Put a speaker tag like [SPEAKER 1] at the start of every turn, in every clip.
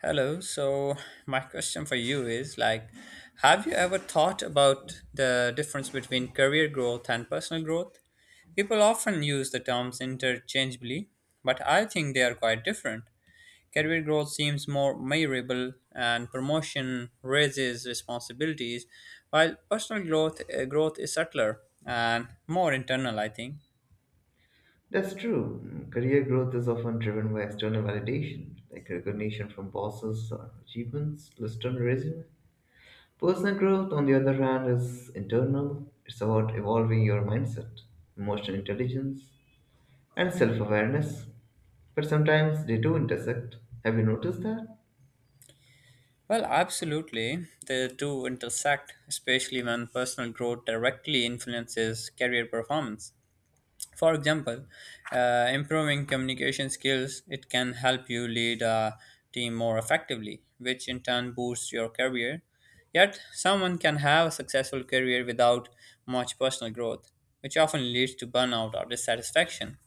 [SPEAKER 1] Hello. So my question for you is have you ever thought about the difference between career growth and personal growth? People often use the terms interchangeably, but I think they are quite different. Career growth seems more measurable and promotion raises responsibilities, while personal growth growth is subtler and more internal, I think.
[SPEAKER 2] That's true. Career growth is often driven by external validation, like recognition from bosses or achievements listed on a resume. Personal growth, on the other hand, is internal. It's about evolving your mindset, emotional intelligence, and self awareness. But sometimes they do intersect. Have you noticed that?
[SPEAKER 1] Well, absolutely. The two intersect, especially when personal growth directly influences career performance. For example, improving communication skills, it can help you lead a team more effectively, which in turn boosts your career. Yet, someone can have a successful career without much personal growth, which often leads to burnout or dissatisfaction.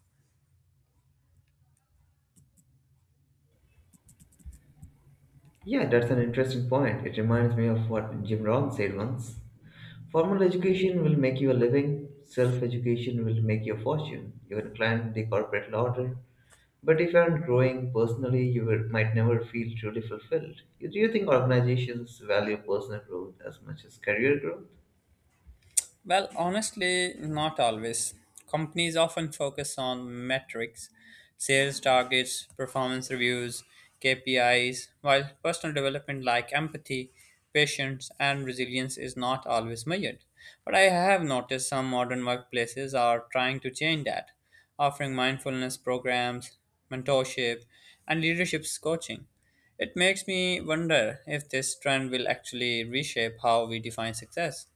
[SPEAKER 2] Yeah, that's an interesting point. It reminds me of what Jim Rohn said once. Formal education will make you a living, self education will make you a fortune. You can climb the corporate ladder, but if you aren't growing personally, you will, might never feel truly fulfilled. Do you think organizations value personal growth as much as career growth?
[SPEAKER 1] Well, honestly, not always. Companies often focus on metrics, sales targets, performance reviews, KPIs, while personal development like empathy, patience, and resilience is not always measured. But I have noticed some modern workplaces are trying to change that, offering mindfulness programs, mentorship, and leadership coaching. It makes me wonder if this trend will actually reshape how we define success.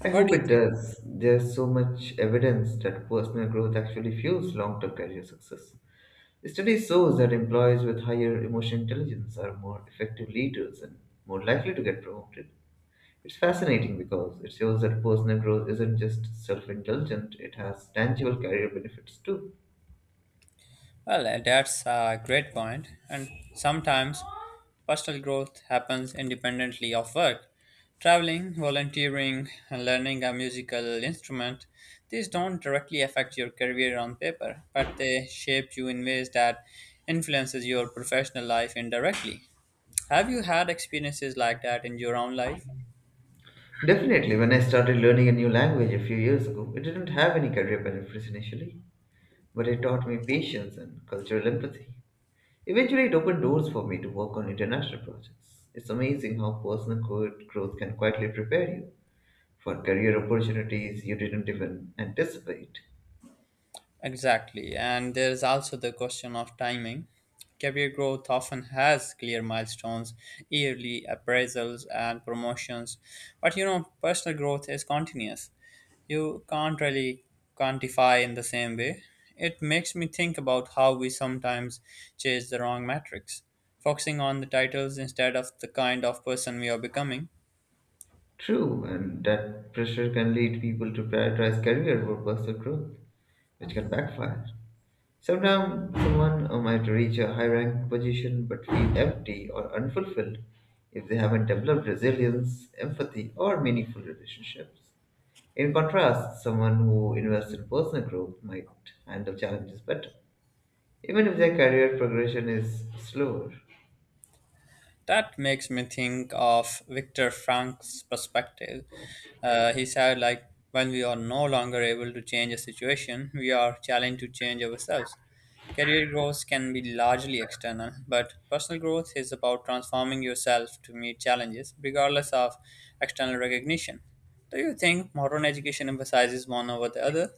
[SPEAKER 2] I
[SPEAKER 1] What
[SPEAKER 2] hope
[SPEAKER 1] do you
[SPEAKER 2] it
[SPEAKER 1] think?
[SPEAKER 2] does. There's so much evidence that personal growth actually fuels long term career success. Study shows that employees with higher emotional intelligence are more effective leaders and more likely to get promoted. It's fascinating because it shows that personal growth isn't just self-indulgent, it has tangible career benefits too.
[SPEAKER 1] Well, that's a great point. And sometimes personal growth happens independently of work. Traveling, volunteering, and learning a musical instrument, these don't directly affect your career on paper, but they shape you in ways that influences your professional life indirectly. Have you had experiences like that in your own life?
[SPEAKER 2] Definitely, when I started learning a new language a few years ago, it didn't have any career benefits initially, but it taught me patience and cultural empathy. Eventually, it opened doors for me to work on international projects. It's amazing how personal growth can quietly prepare you for career opportunities you didn't even anticipate.
[SPEAKER 1] Exactly. And there is also the question of timing. Career growth often has clear milestones, yearly appraisals, and promotions. But personal growth is continuous. You can't really quantify in the same way. It makes me think about how we sometimes chase the wrong metrics, focusing on the titles instead of the kind of person we are becoming.
[SPEAKER 2] True, and that pressure can lead people to prioritize career over personal growth, which can backfire. Sometimes someone might reach a high rank position but feel empty or unfulfilled if they haven't developed resilience, empathy, or meaningful relationships. In contrast, someone who invests in personal growth might handle challenges better, even if their career progression is slower.
[SPEAKER 1] That makes me think of Viktor Frankl's perspective. He said, when we are no longer able to change a situation, we are challenged to change ourselves. Career growth can be largely external, but personal growth is about transforming yourself to meet challenges, regardless of external recognition. Do you think modern education emphasizes one over the other?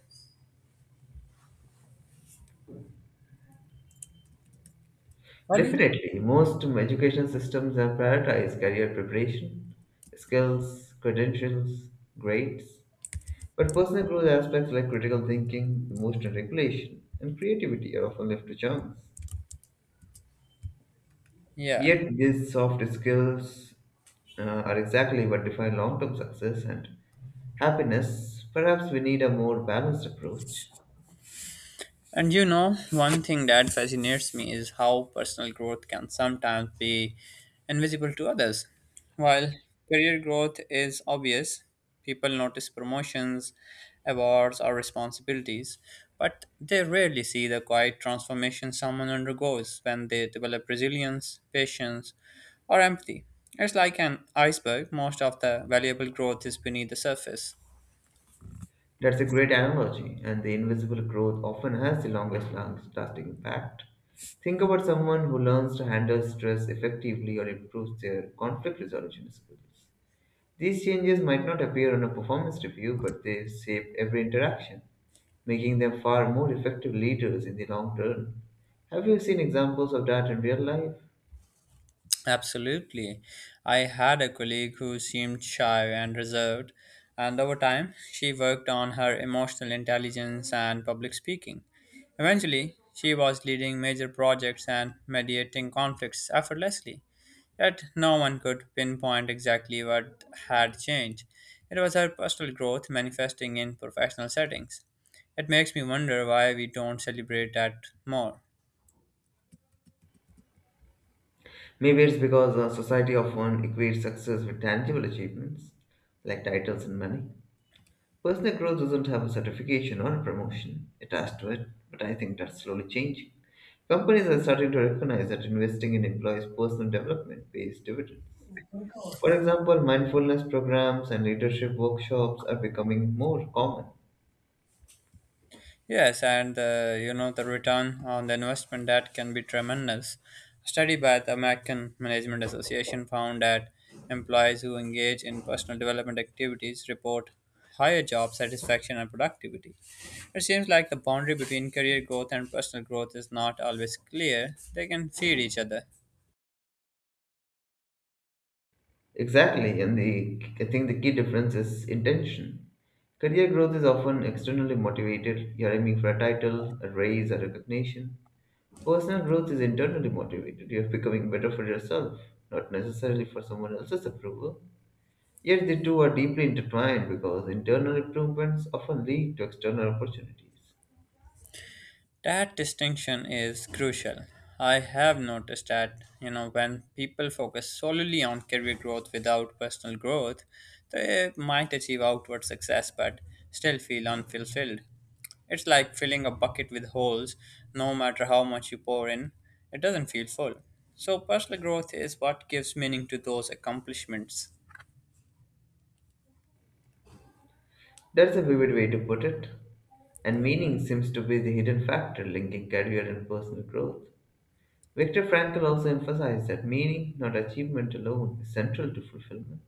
[SPEAKER 1] What do you?
[SPEAKER 2] Definitely, most education systems have prioritized career preparation, skills, credentials, grades, but personal growth aspects like critical thinking, emotional regulation, and creativity are often left to chance.
[SPEAKER 1] Yeah.
[SPEAKER 2] Yet, these soft skills uh, are exactly what define long term success and happiness. Perhaps we need a more balanced approach.
[SPEAKER 1] And you know, one thing that fascinates me is how personal growth can sometimes be invisible to others. While career growth is obvious, people notice promotions, awards, or responsibilities, but they rarely see the quiet transformation someone undergoes when they develop resilience, patience, or empathy. It's like an iceberg, most of the valuable growth is beneath the surface.
[SPEAKER 2] That's a great analogy, and the invisible growth often has the longest lasting impact. Think about someone who learns to handle stress effectively or improves their conflict resolution skills. These changes might not appear on a performance review, but they shape every interaction, making them far more effective leaders in the long term. Have you seen examples of that in real life?
[SPEAKER 1] Absolutely. I had a colleague who seemed shy and reserved, and over time, she worked on her emotional intelligence and public speaking. Eventually, she was leading major projects and mediating conflicts effortlessly. Yet, no one could pinpoint exactly what had changed. It was her personal growth manifesting in professional settings. It makes me wonder why we don't celebrate that more.
[SPEAKER 2] Maybe it's because society often equates success with tangible achievements, like titles and money. Personal growth doesn't have a certification or a promotion attached to it, but I think that's slowly changing. Companies are starting to recognize that investing in employees' personal development pays dividends. For example, mindfulness programs and leadership workshops are becoming more common.
[SPEAKER 1] Yes, and you know the return on the investment that can be tremendous. A study by the American Management Association found that employees who engage in personal development activities report higher job satisfaction and productivity. It seems like the boundary between career growth and personal growth is not always clear. They can feed each other.
[SPEAKER 2] Exactly, and the I think the key difference is intention. Career growth is often externally motivated. You're aiming for a title, a raise, or recognition. Personal growth is internally motivated. You're becoming better for yourself, not necessarily for someone else's approval. Yet the two are deeply intertwined because internal improvements often lead to external opportunities.
[SPEAKER 1] That distinction is crucial. I have noticed that, you know, when people focus solely on career growth without personal growth, they might achieve outward success but still feel unfulfilled. It's like filling a bucket with holes, no matter how much you pour in, it doesn't feel full. So, personal growth is what gives meaning to those accomplishments.
[SPEAKER 2] That's a vivid way to put it. And meaning seems to be the hidden factor linking career and personal growth. Viktor Frankl also emphasized that meaning, not achievement alone, is central to fulfillment.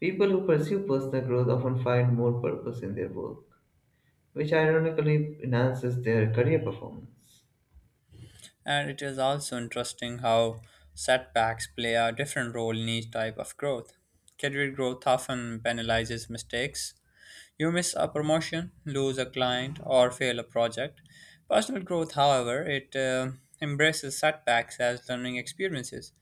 [SPEAKER 2] People who pursue personal growth often find more purpose in their work, which ironically enhances their career performance.
[SPEAKER 1] And it is also interesting how setbacks play a different role in each type of growth. Career growth often penalizes mistakes. You miss a promotion, lose a client, or fail a project. Personal growth, however, it embraces setbacks as learning experiences.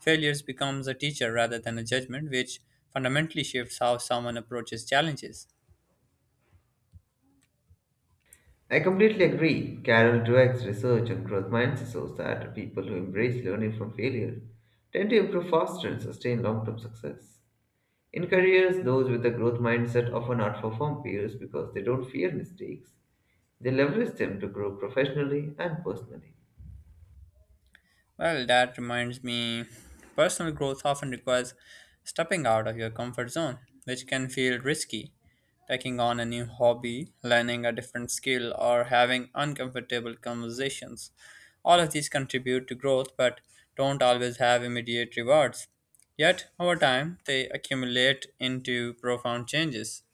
[SPEAKER 1] Failures becomes a teacher rather than a judgment, which fundamentally shifts how someone approaches challenges.
[SPEAKER 2] I completely agree. Carol Dweck's research on growth mindset shows that people who embrace learning from failure tend to improve faster and sustain long term success. In careers, those with a growth mindset often outperform peers because they don't fear mistakes. They leverage them to grow professionally and personally.
[SPEAKER 1] Well, that reminds me, personal growth often requires stepping out of your comfort zone, which can feel risky. Taking on a new hobby, learning a different skill, or having uncomfortable conversations. All of these contribute to growth but don't always have immediate rewards. Yet, over time, they accumulate into profound changes.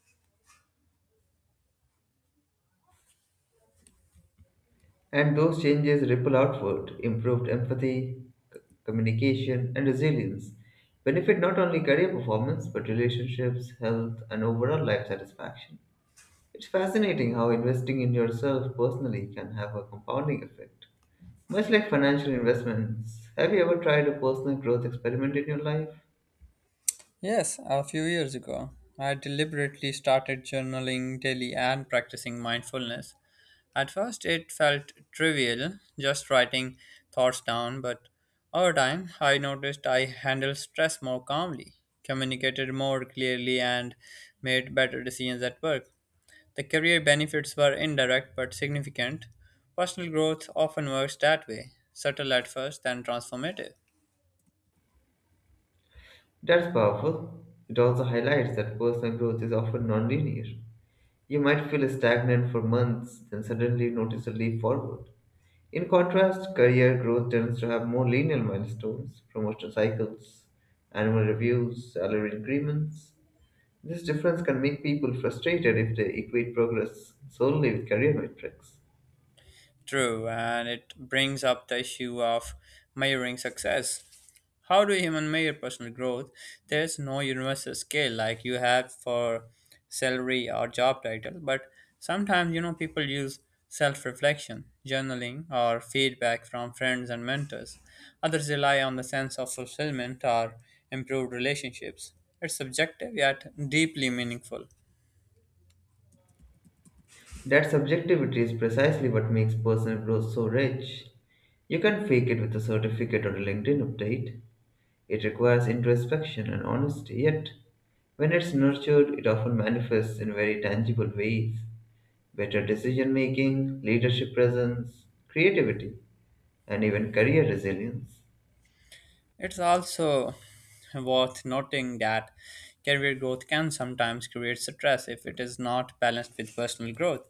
[SPEAKER 2] And those changes ripple outward, improved empathy, communication, and resilience, benefit not only career performance but relationships, health, and overall life satisfaction. It's fascinating how investing in yourself personally can have a compounding effect. Much like financial investments, have you ever tried a personal growth experiment in your life?
[SPEAKER 1] Yes, a few years ago, I deliberately started journaling daily and practicing mindfulness. At first, it felt trivial, just writing thoughts down, but over time, I noticed I handled stress more calmly, communicated more clearly, and made better decisions at work. The career benefits were indirect but significant. Personal growth often works that way subtle at first, then transformative.
[SPEAKER 2] That's powerful. It also highlights that personal growth is often nonlinear. You might feel stagnant for months, then suddenly notice a leap forward. In contrast, career growth tends to have more linear milestones, promotion cycles, annual reviews, salary increments. This difference can make people frustrated if they equate progress solely with career metrics.
[SPEAKER 1] True, and it brings up the issue of measuring success. How do humans measure personal growth? There's no universal scale like you have for salary or job title, but sometimes people use self reflection, journaling, or feedback from friends and mentors. Others rely on the sense of fulfillment or improved relationships. It's subjective yet deeply meaningful.
[SPEAKER 2] That subjectivity is precisely what makes personal growth so rich. You can't fake it with a certificate or a LinkedIn update. It requires introspection and honesty, yet, when it's nurtured, it often manifests in very tangible ways, better decision making, leadership presence, creativity, and even career resilience.
[SPEAKER 1] It's also worth noting that career growth can sometimes create stress if it is not balanced with personal growth.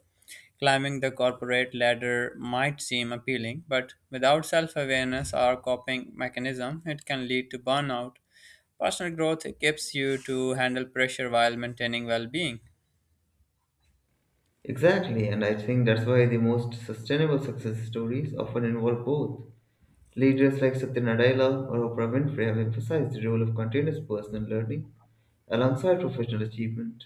[SPEAKER 1] Climbing the corporate ladder might seem appealing, but without self awareness or coping mechanism, it can lead to burnout. Personal growth equips you to handle pressure while maintaining well being.
[SPEAKER 2] Exactly, and I think that's why the most sustainable success stories often involve both. Leaders like Satya Nadella or Oprah Winfrey have emphasized the role of continuous personal learning alongside professional achievement.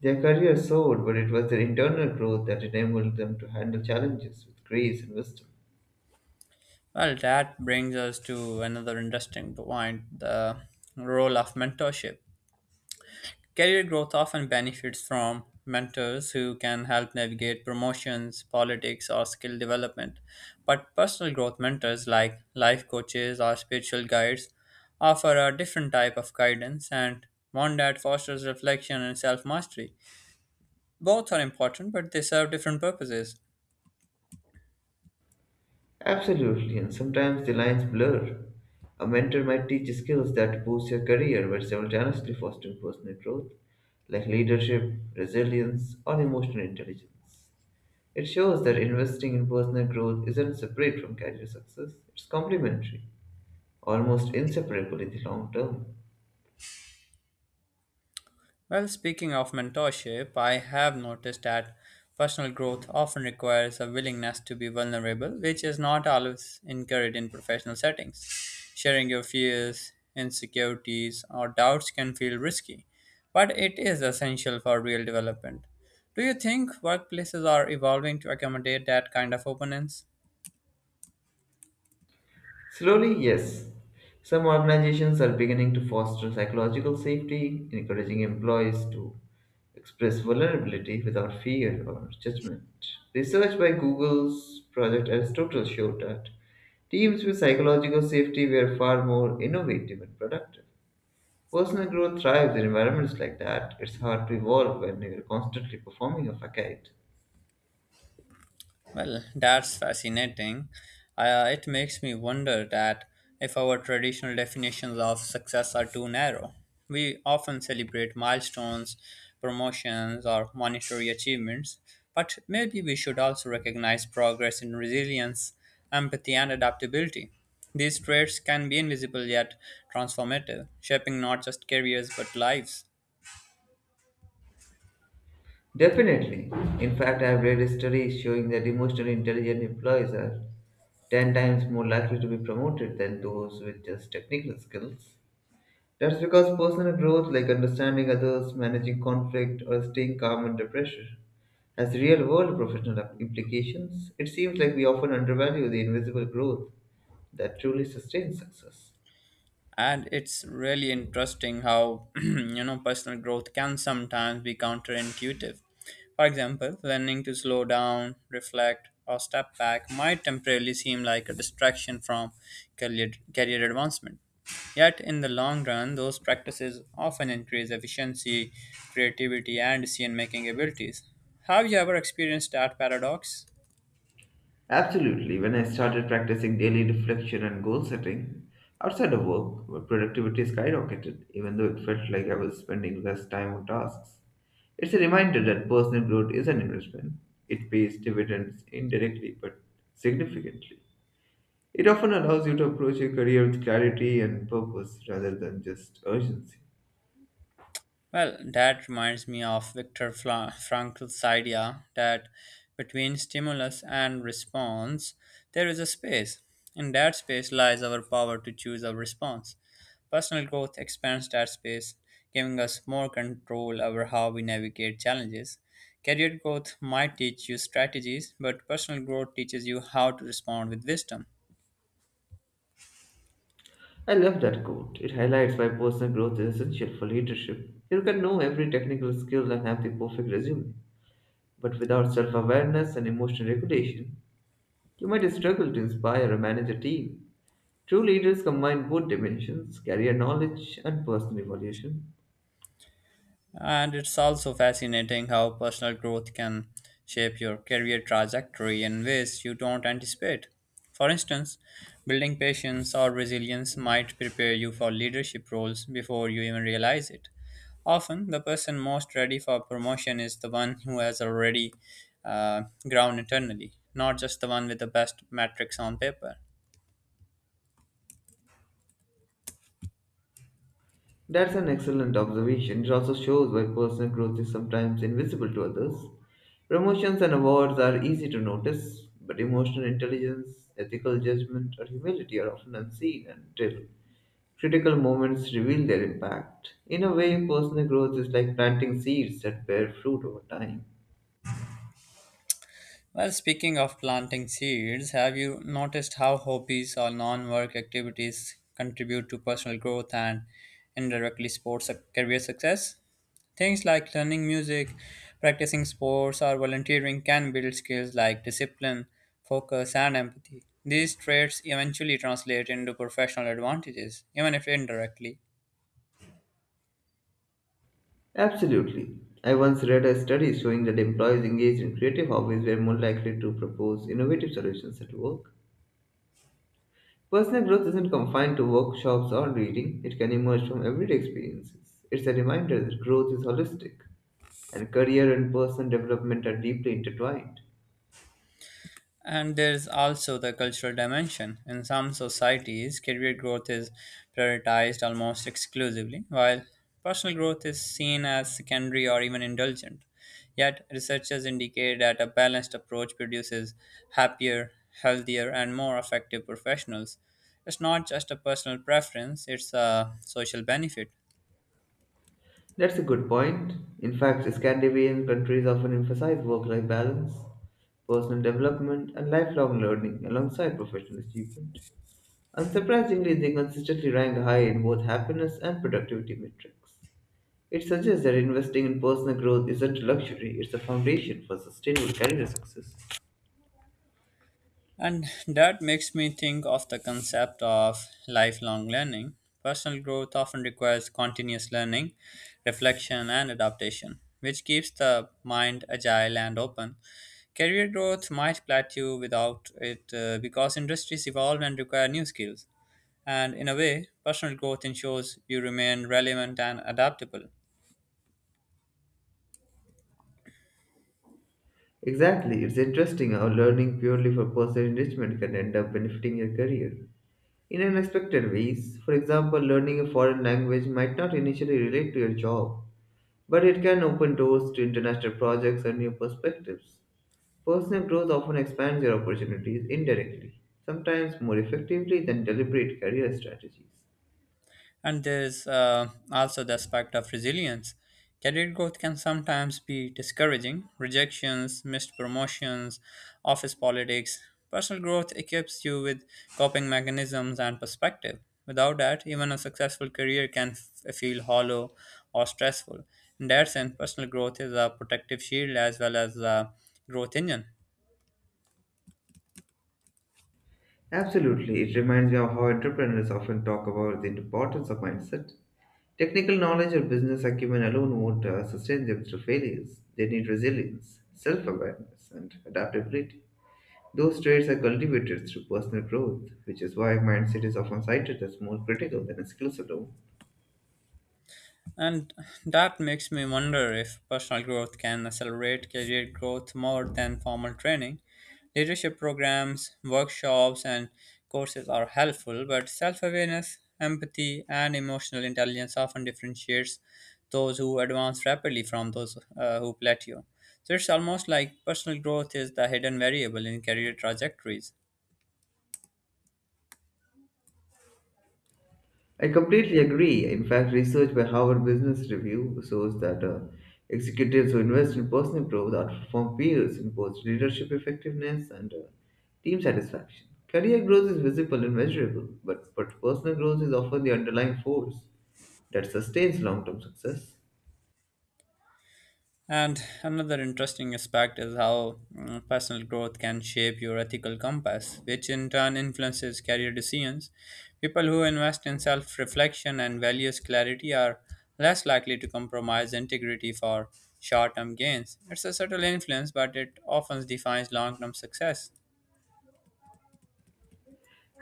[SPEAKER 2] Their careers soared, but it was their internal growth that enabled them to handle challenges with grace and wisdom.
[SPEAKER 1] Well, that brings us to another interesting point the role of mentorship. Career growth often benefits from mentors who can help navigate promotions, politics, or skill development. But personal growth mentors, like life coaches or spiritual guides, offer a different type of guidance and one that fosters reflection and self mastery. Both are important, but they serve different purposes.
[SPEAKER 2] Absolutely, and sometimes the lines blur. A mentor might teach you skills that boost your career while simultaneously fostering personal growth, like leadership, resilience, or emotional intelligence. It shows that investing in personal growth isn't separate from career success, it's complementary, almost inseparable in the long term.
[SPEAKER 1] Well, speaking of mentorship, I have noticed that personal growth often requires a willingness to be vulnerable, which is not always encouraged in professional settings. Sharing your fears, insecurities, or doubts can feel risky, but it is essential for real development. Do you think workplaces are evolving to accommodate that kind of openness?
[SPEAKER 2] Slowly, yes, some organizations are beginning to foster psychological safety, encouraging employees to express vulnerability without fear or judgment. Research by Google's Project Aristotle showed that teams with psychological safety were far more innovative and productive. Personal growth thrives in environments like that. It's hard to evolve when you're constantly performing a facade.
[SPEAKER 1] Well, that's fascinating. It makes me wonder that if our traditional definitions of success are too narrow. We often celebrate milestones, promotions, or monetary achievements, but maybe we should also recognize progress in resilience, empathy, and adaptability. These traits can be invisible yet transformative, shaping not just careers but lives.
[SPEAKER 2] Definitely. In fact, I've read studies showing that emotionally intelligent employees are 10 times more likely to be promoted than those with just technical skills. That's because personal growth, like understanding others, managing conflict, or staying calm under pressure, has real world professional implications. It seems like we often undervalue the invisible growth that truly sustains success.
[SPEAKER 1] And it's really interesting how you know personal growth can sometimes be counterintuitive. For example, learning to slow down, reflect, or step back might temporarily seem like a distraction from career advancement. Yet in the long run, those practices often increase efficiency, creativity, and decision making abilities. Have you ever experienced that paradox?
[SPEAKER 2] Absolutely. When I started practicing daily reflection and goal setting outside of work, my productivity skyrocketed, even though it felt like I was spending less time on tasks. It's a reminder that personal growth is an investment. It pays dividends indirectly but significantly. It often allows you to approach your career with clarity and purpose rather than just urgency.
[SPEAKER 1] Well, that reminds me of Viktor Frankl's idea that between stimulus and response, there is a space. In that space lies our power to choose our response. Personal growth expands that space, giving us more control over how we navigate challenges. Career growth might teach you strategies, but personal growth teaches you how to respond with wisdom.
[SPEAKER 2] I love that quote. It highlights why personal growth is essential for leadership. You can know every technical skill and have the perfect resume, but without self awareness and emotional regulation, you might struggle to inspire or manage a team. True leaders combine both dimensions, career knowledge and personal evolution.
[SPEAKER 1] And it's also fascinating how personal growth can shape your career trajectory in ways you don't anticipate. For instance, building patience or resilience might prepare you for leadership roles before you even realize it. Often, the person most ready for promotion is the one who has already uh, grown internally, not just the one with the best metrics on paper.
[SPEAKER 2] That's an excellent observation. It also shows why personal growth is sometimes invisible to others. Promotions and awards are easy to notice, but emotional intelligence, ethical judgment, or humility are often unseen until critical moments reveal their impact. In a way, personal growth is like planting seeds that bear fruit over time.
[SPEAKER 1] Well, speaking of planting seeds, have you noticed how hobbies or non work activities contribute to personal growth and indirectly sports career success? Things like learning music, practicing sports, or volunteering can build skills like discipline, focus, and empathy. These traits eventually translate into professional advantages, even if indirectly.
[SPEAKER 2] Absolutely. I once read a study showing that employees engaged in creative hobbies were more likely to propose innovative solutions at work. Personal growth isn't confined to workshops or reading, it can emerge from everyday experiences. It's a reminder that growth is holistic, and career and personal development are deeply intertwined.
[SPEAKER 1] And there's also the cultural dimension. In some societies, career growth is prioritized almost exclusively, while personal growth is seen as secondary or even indulgent. Yet, researchers indicate that a balanced approach produces happier, healthier, and more effective professionals. It's not just a personal preference, it's a social benefit.
[SPEAKER 2] That's a good point. In fact, Scandinavian countries often emphasize work life balance, personal development, and lifelong learning alongside professional achievement. Unsurprisingly, they consistently rank high in both happiness and productivity metrics. It suggests that investing in personal growth isn't a luxury, it's a foundation for sustainable career success.
[SPEAKER 1] And that makes me think of the concept of lifelong learning. Personal growth often requires continuous learning, reflection, and adaptation, which keeps the mind agile and open. Career growth might plateau without it because industries evolve and require new skills. And in a way, personal growth ensures you remain relevant and adaptable.
[SPEAKER 2] Exactly, it's interesting how learning purely for personal enrichment can end up benefiting your career in unexpected ways. For example, learning a foreign language might not initially relate to your job, but it can open doors to international projects and new perspectives. Personal growth often expands your opportunities indirectly, sometimes more effectively than deliberate career strategies.
[SPEAKER 1] And there's also the aspect of resilience. Career growth can sometimes be discouraging. Rejections, missed promotions, office politics. Personal growth equips you with coping mechanisms and perspective. Without that, even a successful career can feel hollow or stressful. In that sense, personal growth is a protective shield as well as a growth engine.
[SPEAKER 2] Absolutely, it reminds me of how entrepreneurs often talk about the importance of mindset. Technical knowledge or business acumen alone won't sustain them through failures. They need resilience, self awareness, and adaptability. Those traits are cultivated through personal growth, which is why mindset is often cited as more critical than skills alone.
[SPEAKER 1] And that makes me wonder if personal growth can accelerate career growth more than formal training. Leadership programs, workshops, and courses are helpful, but self awareness, empathy, and emotional intelligence often differentiates those who advance rapidly from those who plateau. So it's almost like personal growth is the hidden variable in career trajectories.
[SPEAKER 2] I completely agree. In fact, research by Harvard Business Review shows that executives who invest in personal growth outperform peers in both leadership effectiveness and team satisfaction. Career growth is visible and measurable, but personal growth is often the underlying force that sustains long term success.
[SPEAKER 1] And another interesting aspect is how personal growth can shape your ethical compass, which in turn influences career decisions. People who invest in self reflection and values clarity are less likely to compromise integrity for short term gains. It's a subtle influence, but it often defines long term success.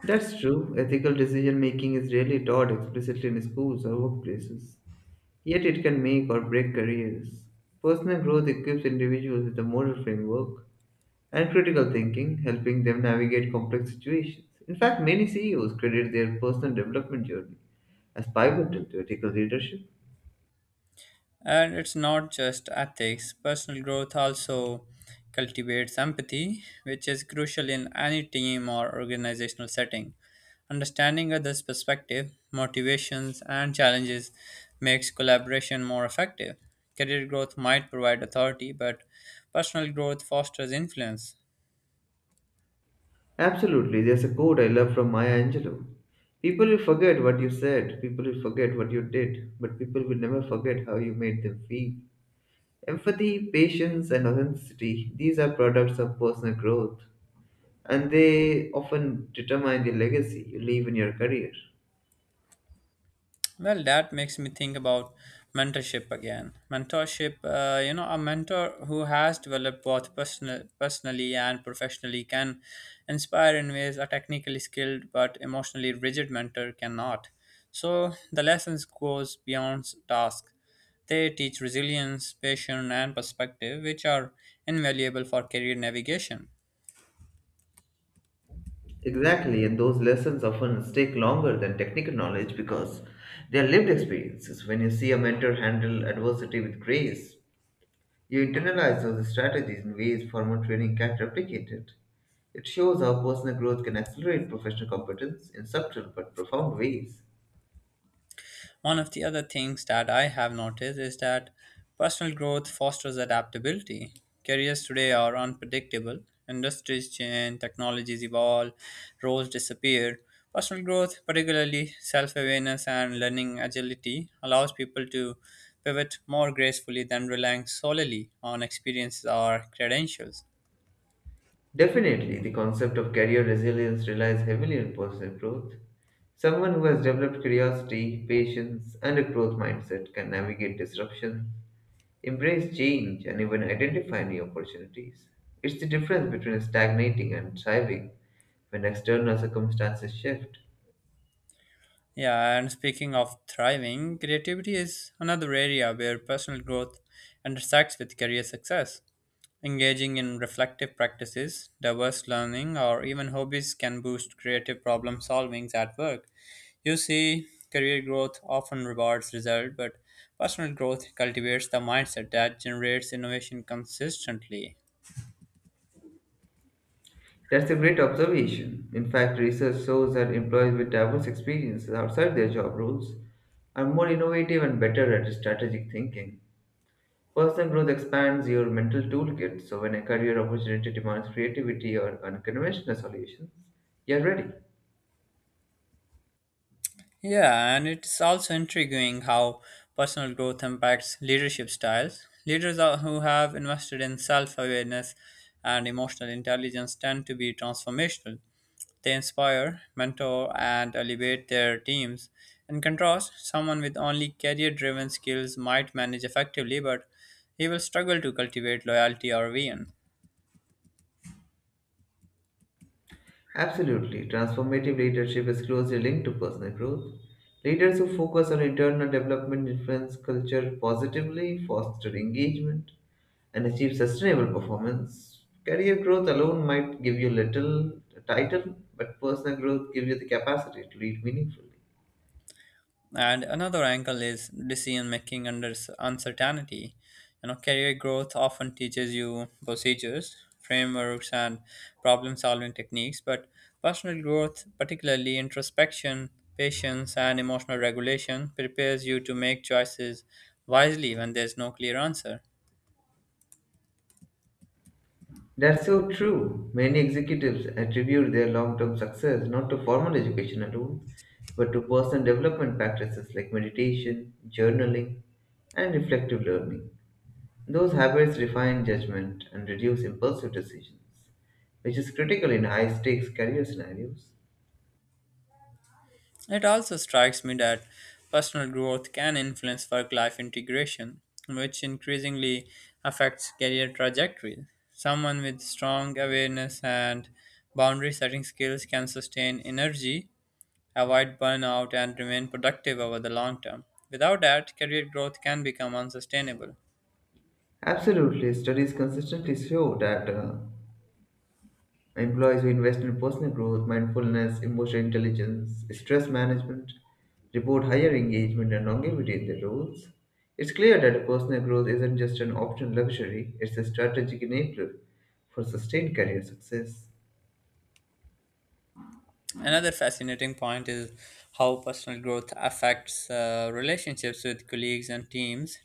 [SPEAKER 2] That's true. Ethical decision making is rarely taught explicitly in schools or workplaces, yet, it can make or break careers. Personal growth equips individuals with a moral framework and critical thinking, helping them navigate complex situations. In fact, many CEOs credit their personal development journey as pivotal to ethical leadership.
[SPEAKER 1] And it's not just ethics, personal growth also cultivates empathy, which is crucial in any team or organizational setting. Understanding others' perspective, motivations, and challenges makes collaboration more effective. Career growth might provide authority, but personal growth fosters influence.
[SPEAKER 2] Absolutely, there's a quote I love from Maya Angelou. People will forget what you said, people will forget what you did, but people will never forget how you made them feel. Empathy, patience, and authenticity, these are products of personal growth, and they often determine the legacy you leave in your career.
[SPEAKER 1] Well, that makes me think about mentorship again. Mentorship, a mentor who has developed both personally and professionally can inspire in ways a technically skilled but emotionally rigid mentor cannot. So the lessons goes beyond task. They teach resilience, patience, and perspective, which are invaluable for career navigation.
[SPEAKER 2] Exactly, and those lessons often stick longer than technical knowledge because they are lived experiences. When you see a mentor handle adversity with grace, you internalize those strategies in ways formal training can't replicate it. It shows how personal growth can accelerate professional competence in subtle but profound ways.
[SPEAKER 1] One of the other things that I have noticed is that personal growth fosters adaptability. Careers today are unpredictable, industries change, technologies evolve, roles disappear. Personal growth, particularly self awareness and learning agility, allows people to pivot more gracefully than relying solely on experiences or credentials.
[SPEAKER 2] Definitely, the concept of career resilience relies heavily on personal growth. Someone who has developed curiosity, patience, and a growth mindset can navigate disruption, embrace change and even identify new opportunities. It's the difference between stagnating and thriving when external circumstances shift.
[SPEAKER 1] Yeah, and speaking of thriving, creativity is another area where personal growth intersects with career success. Engaging in reflective practices, diverse learning, or even hobbies can boost creative problem solvings at work. You see, career growth often rewards result, but personal growth cultivates the mindset that generates innovation consistently.
[SPEAKER 2] That's a great observation. In fact, research shows that employees with diverse experiences outside their job roles are more innovative and better at strategic thinking. Personal growth expands your mental toolkit, so when a career opportunity demands creativity or unconventional solutions, you're ready.
[SPEAKER 1] Yeah, and it's also intriguing how personal growth impacts leadership styles. Who have invested in self awareness and emotional intelligence tend to be transformational. They inspire, mentor, and elevate their teams. In contrast, someone with only career driven skills might manage effectively, but he will struggle to cultivate loyalty or vision.
[SPEAKER 2] Absolutely. Transformative leadership is closely linked to personal growth. Leaders who focus on internal development influence culture positively, foster engagement, and achieve sustainable performance. Career growth alone might give you little title, but personal growth gives you the capacity to lead meaningfully.
[SPEAKER 1] And another angle is decision making under uncertainty. You know, career growth often teaches you procedures, frameworks, and problem solving techniques, but personal growth, particularly introspection, patience, and emotional regulation, prepares you to make choices wisely when there's no clear answer.
[SPEAKER 2] That's so true. Many executives attribute their long term success not to formal education alone, but to personal development practices like meditation, journaling, and reflective learning. Those habits refine judgment and reduce impulsive decisions, which is critical in high stakes career scenarios.
[SPEAKER 1] It also strikes me that personal growth can influence work life integration, which increasingly affects career trajectories. Someone with strong awareness and boundary setting skills can sustain energy, avoid burnout, and remain productive over the long term. Without that, career growth can become unsustainable.
[SPEAKER 2] Absolutely, studies consistently show that employees who invest in personal growth, mindfulness, emotional intelligence, stress management report higher engagement and longevity in their roles. It's clear that personal growth isn't just an optional luxury, it's a strategic enabler for sustained career success.
[SPEAKER 1] Another fascinating point is how personal growth affects relationships with colleagues and teams.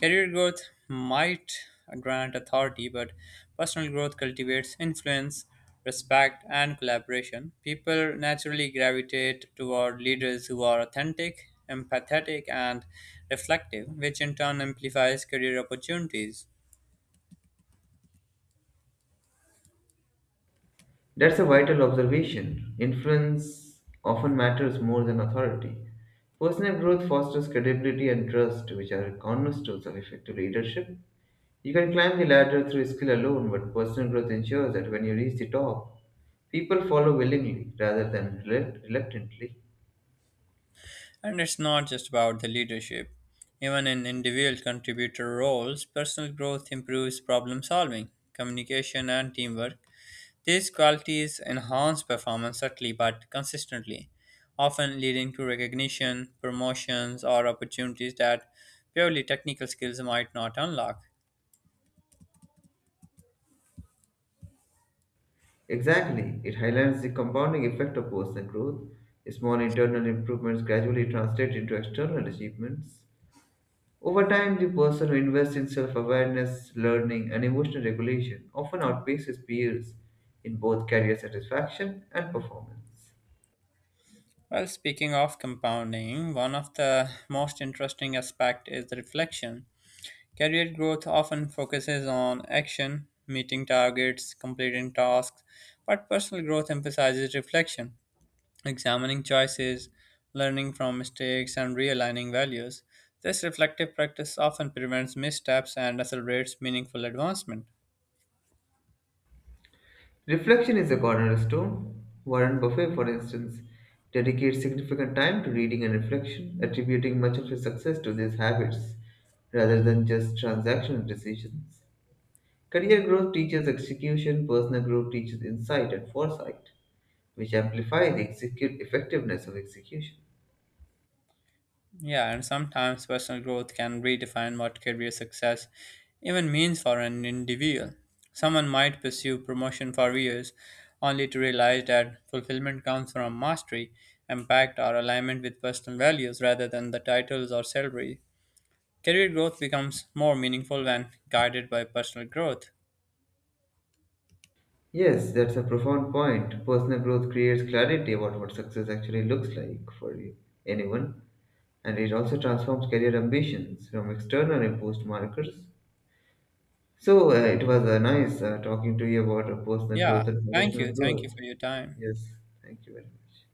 [SPEAKER 1] Career growth might grant authority, but personal growth cultivates influence, respect, and collaboration. People naturally gravitate toward leaders who are authentic, empathetic, and reflective, which in turn amplifies career opportunities.
[SPEAKER 2] That's a vital observation. Influence often matters more than authority. Personal growth fosters credibility and trust, which are cornerstones of effective leadership. You can climb the ladder through skill alone, but personal growth ensures that when you reach the top, people follow willingly rather than reluctantly.
[SPEAKER 1] And it's not just about the leadership. Even in individual contributor roles, personal growth improves problem solving, communication, and teamwork. These qualities enhance performance subtly but consistently, often leading to recognition, promotions, or opportunities that purely technical skills might not unlock.
[SPEAKER 2] Exactly, it highlights the compounding effect of personal growth. Small internal improvements gradually translate into external achievements. Over time, the person who invests in self awareness, learning, and emotional regulation often outpaces peers in both career satisfaction and performance.
[SPEAKER 1] Well, speaking of compounding, one of the most interesting aspects is the reflection. Career growth often focuses on action, meeting targets, completing tasks, but personal growth emphasizes reflection, examining choices, learning from mistakes, and realigning values. This reflective practice often prevents missteps and accelerates meaningful advancement.
[SPEAKER 2] Reflection is a cornerstone. Warren Buffett, for instance, dedicates significant time to reading and reflection, attributing much of his success to these habits rather than just transactional decisions. Career growth teaches execution, personal growth teaches insight and foresight, which amplify the execute effectiveness of execution.
[SPEAKER 1] Yeah, and sometimes personal growth can redefine what career success even means for an individual. Someone might pursue promotion for years only to realize that fulfillment comes from mastery, impact, or alignment with personal values rather than the titles or salary. Career growth becomes more meaningful when guided by personal growth.
[SPEAKER 2] Yes, that's a profound point. Personal growth creates clarity about what success actually looks like for anyone, and it also transforms career ambitions from external imposed markers. So, it was nice talking to you about personal
[SPEAKER 1] Yeah,
[SPEAKER 2] growth and
[SPEAKER 1] thank
[SPEAKER 2] professional
[SPEAKER 1] you. Thank
[SPEAKER 2] growth.
[SPEAKER 1] you for your time.
[SPEAKER 2] Yes, thank you very much.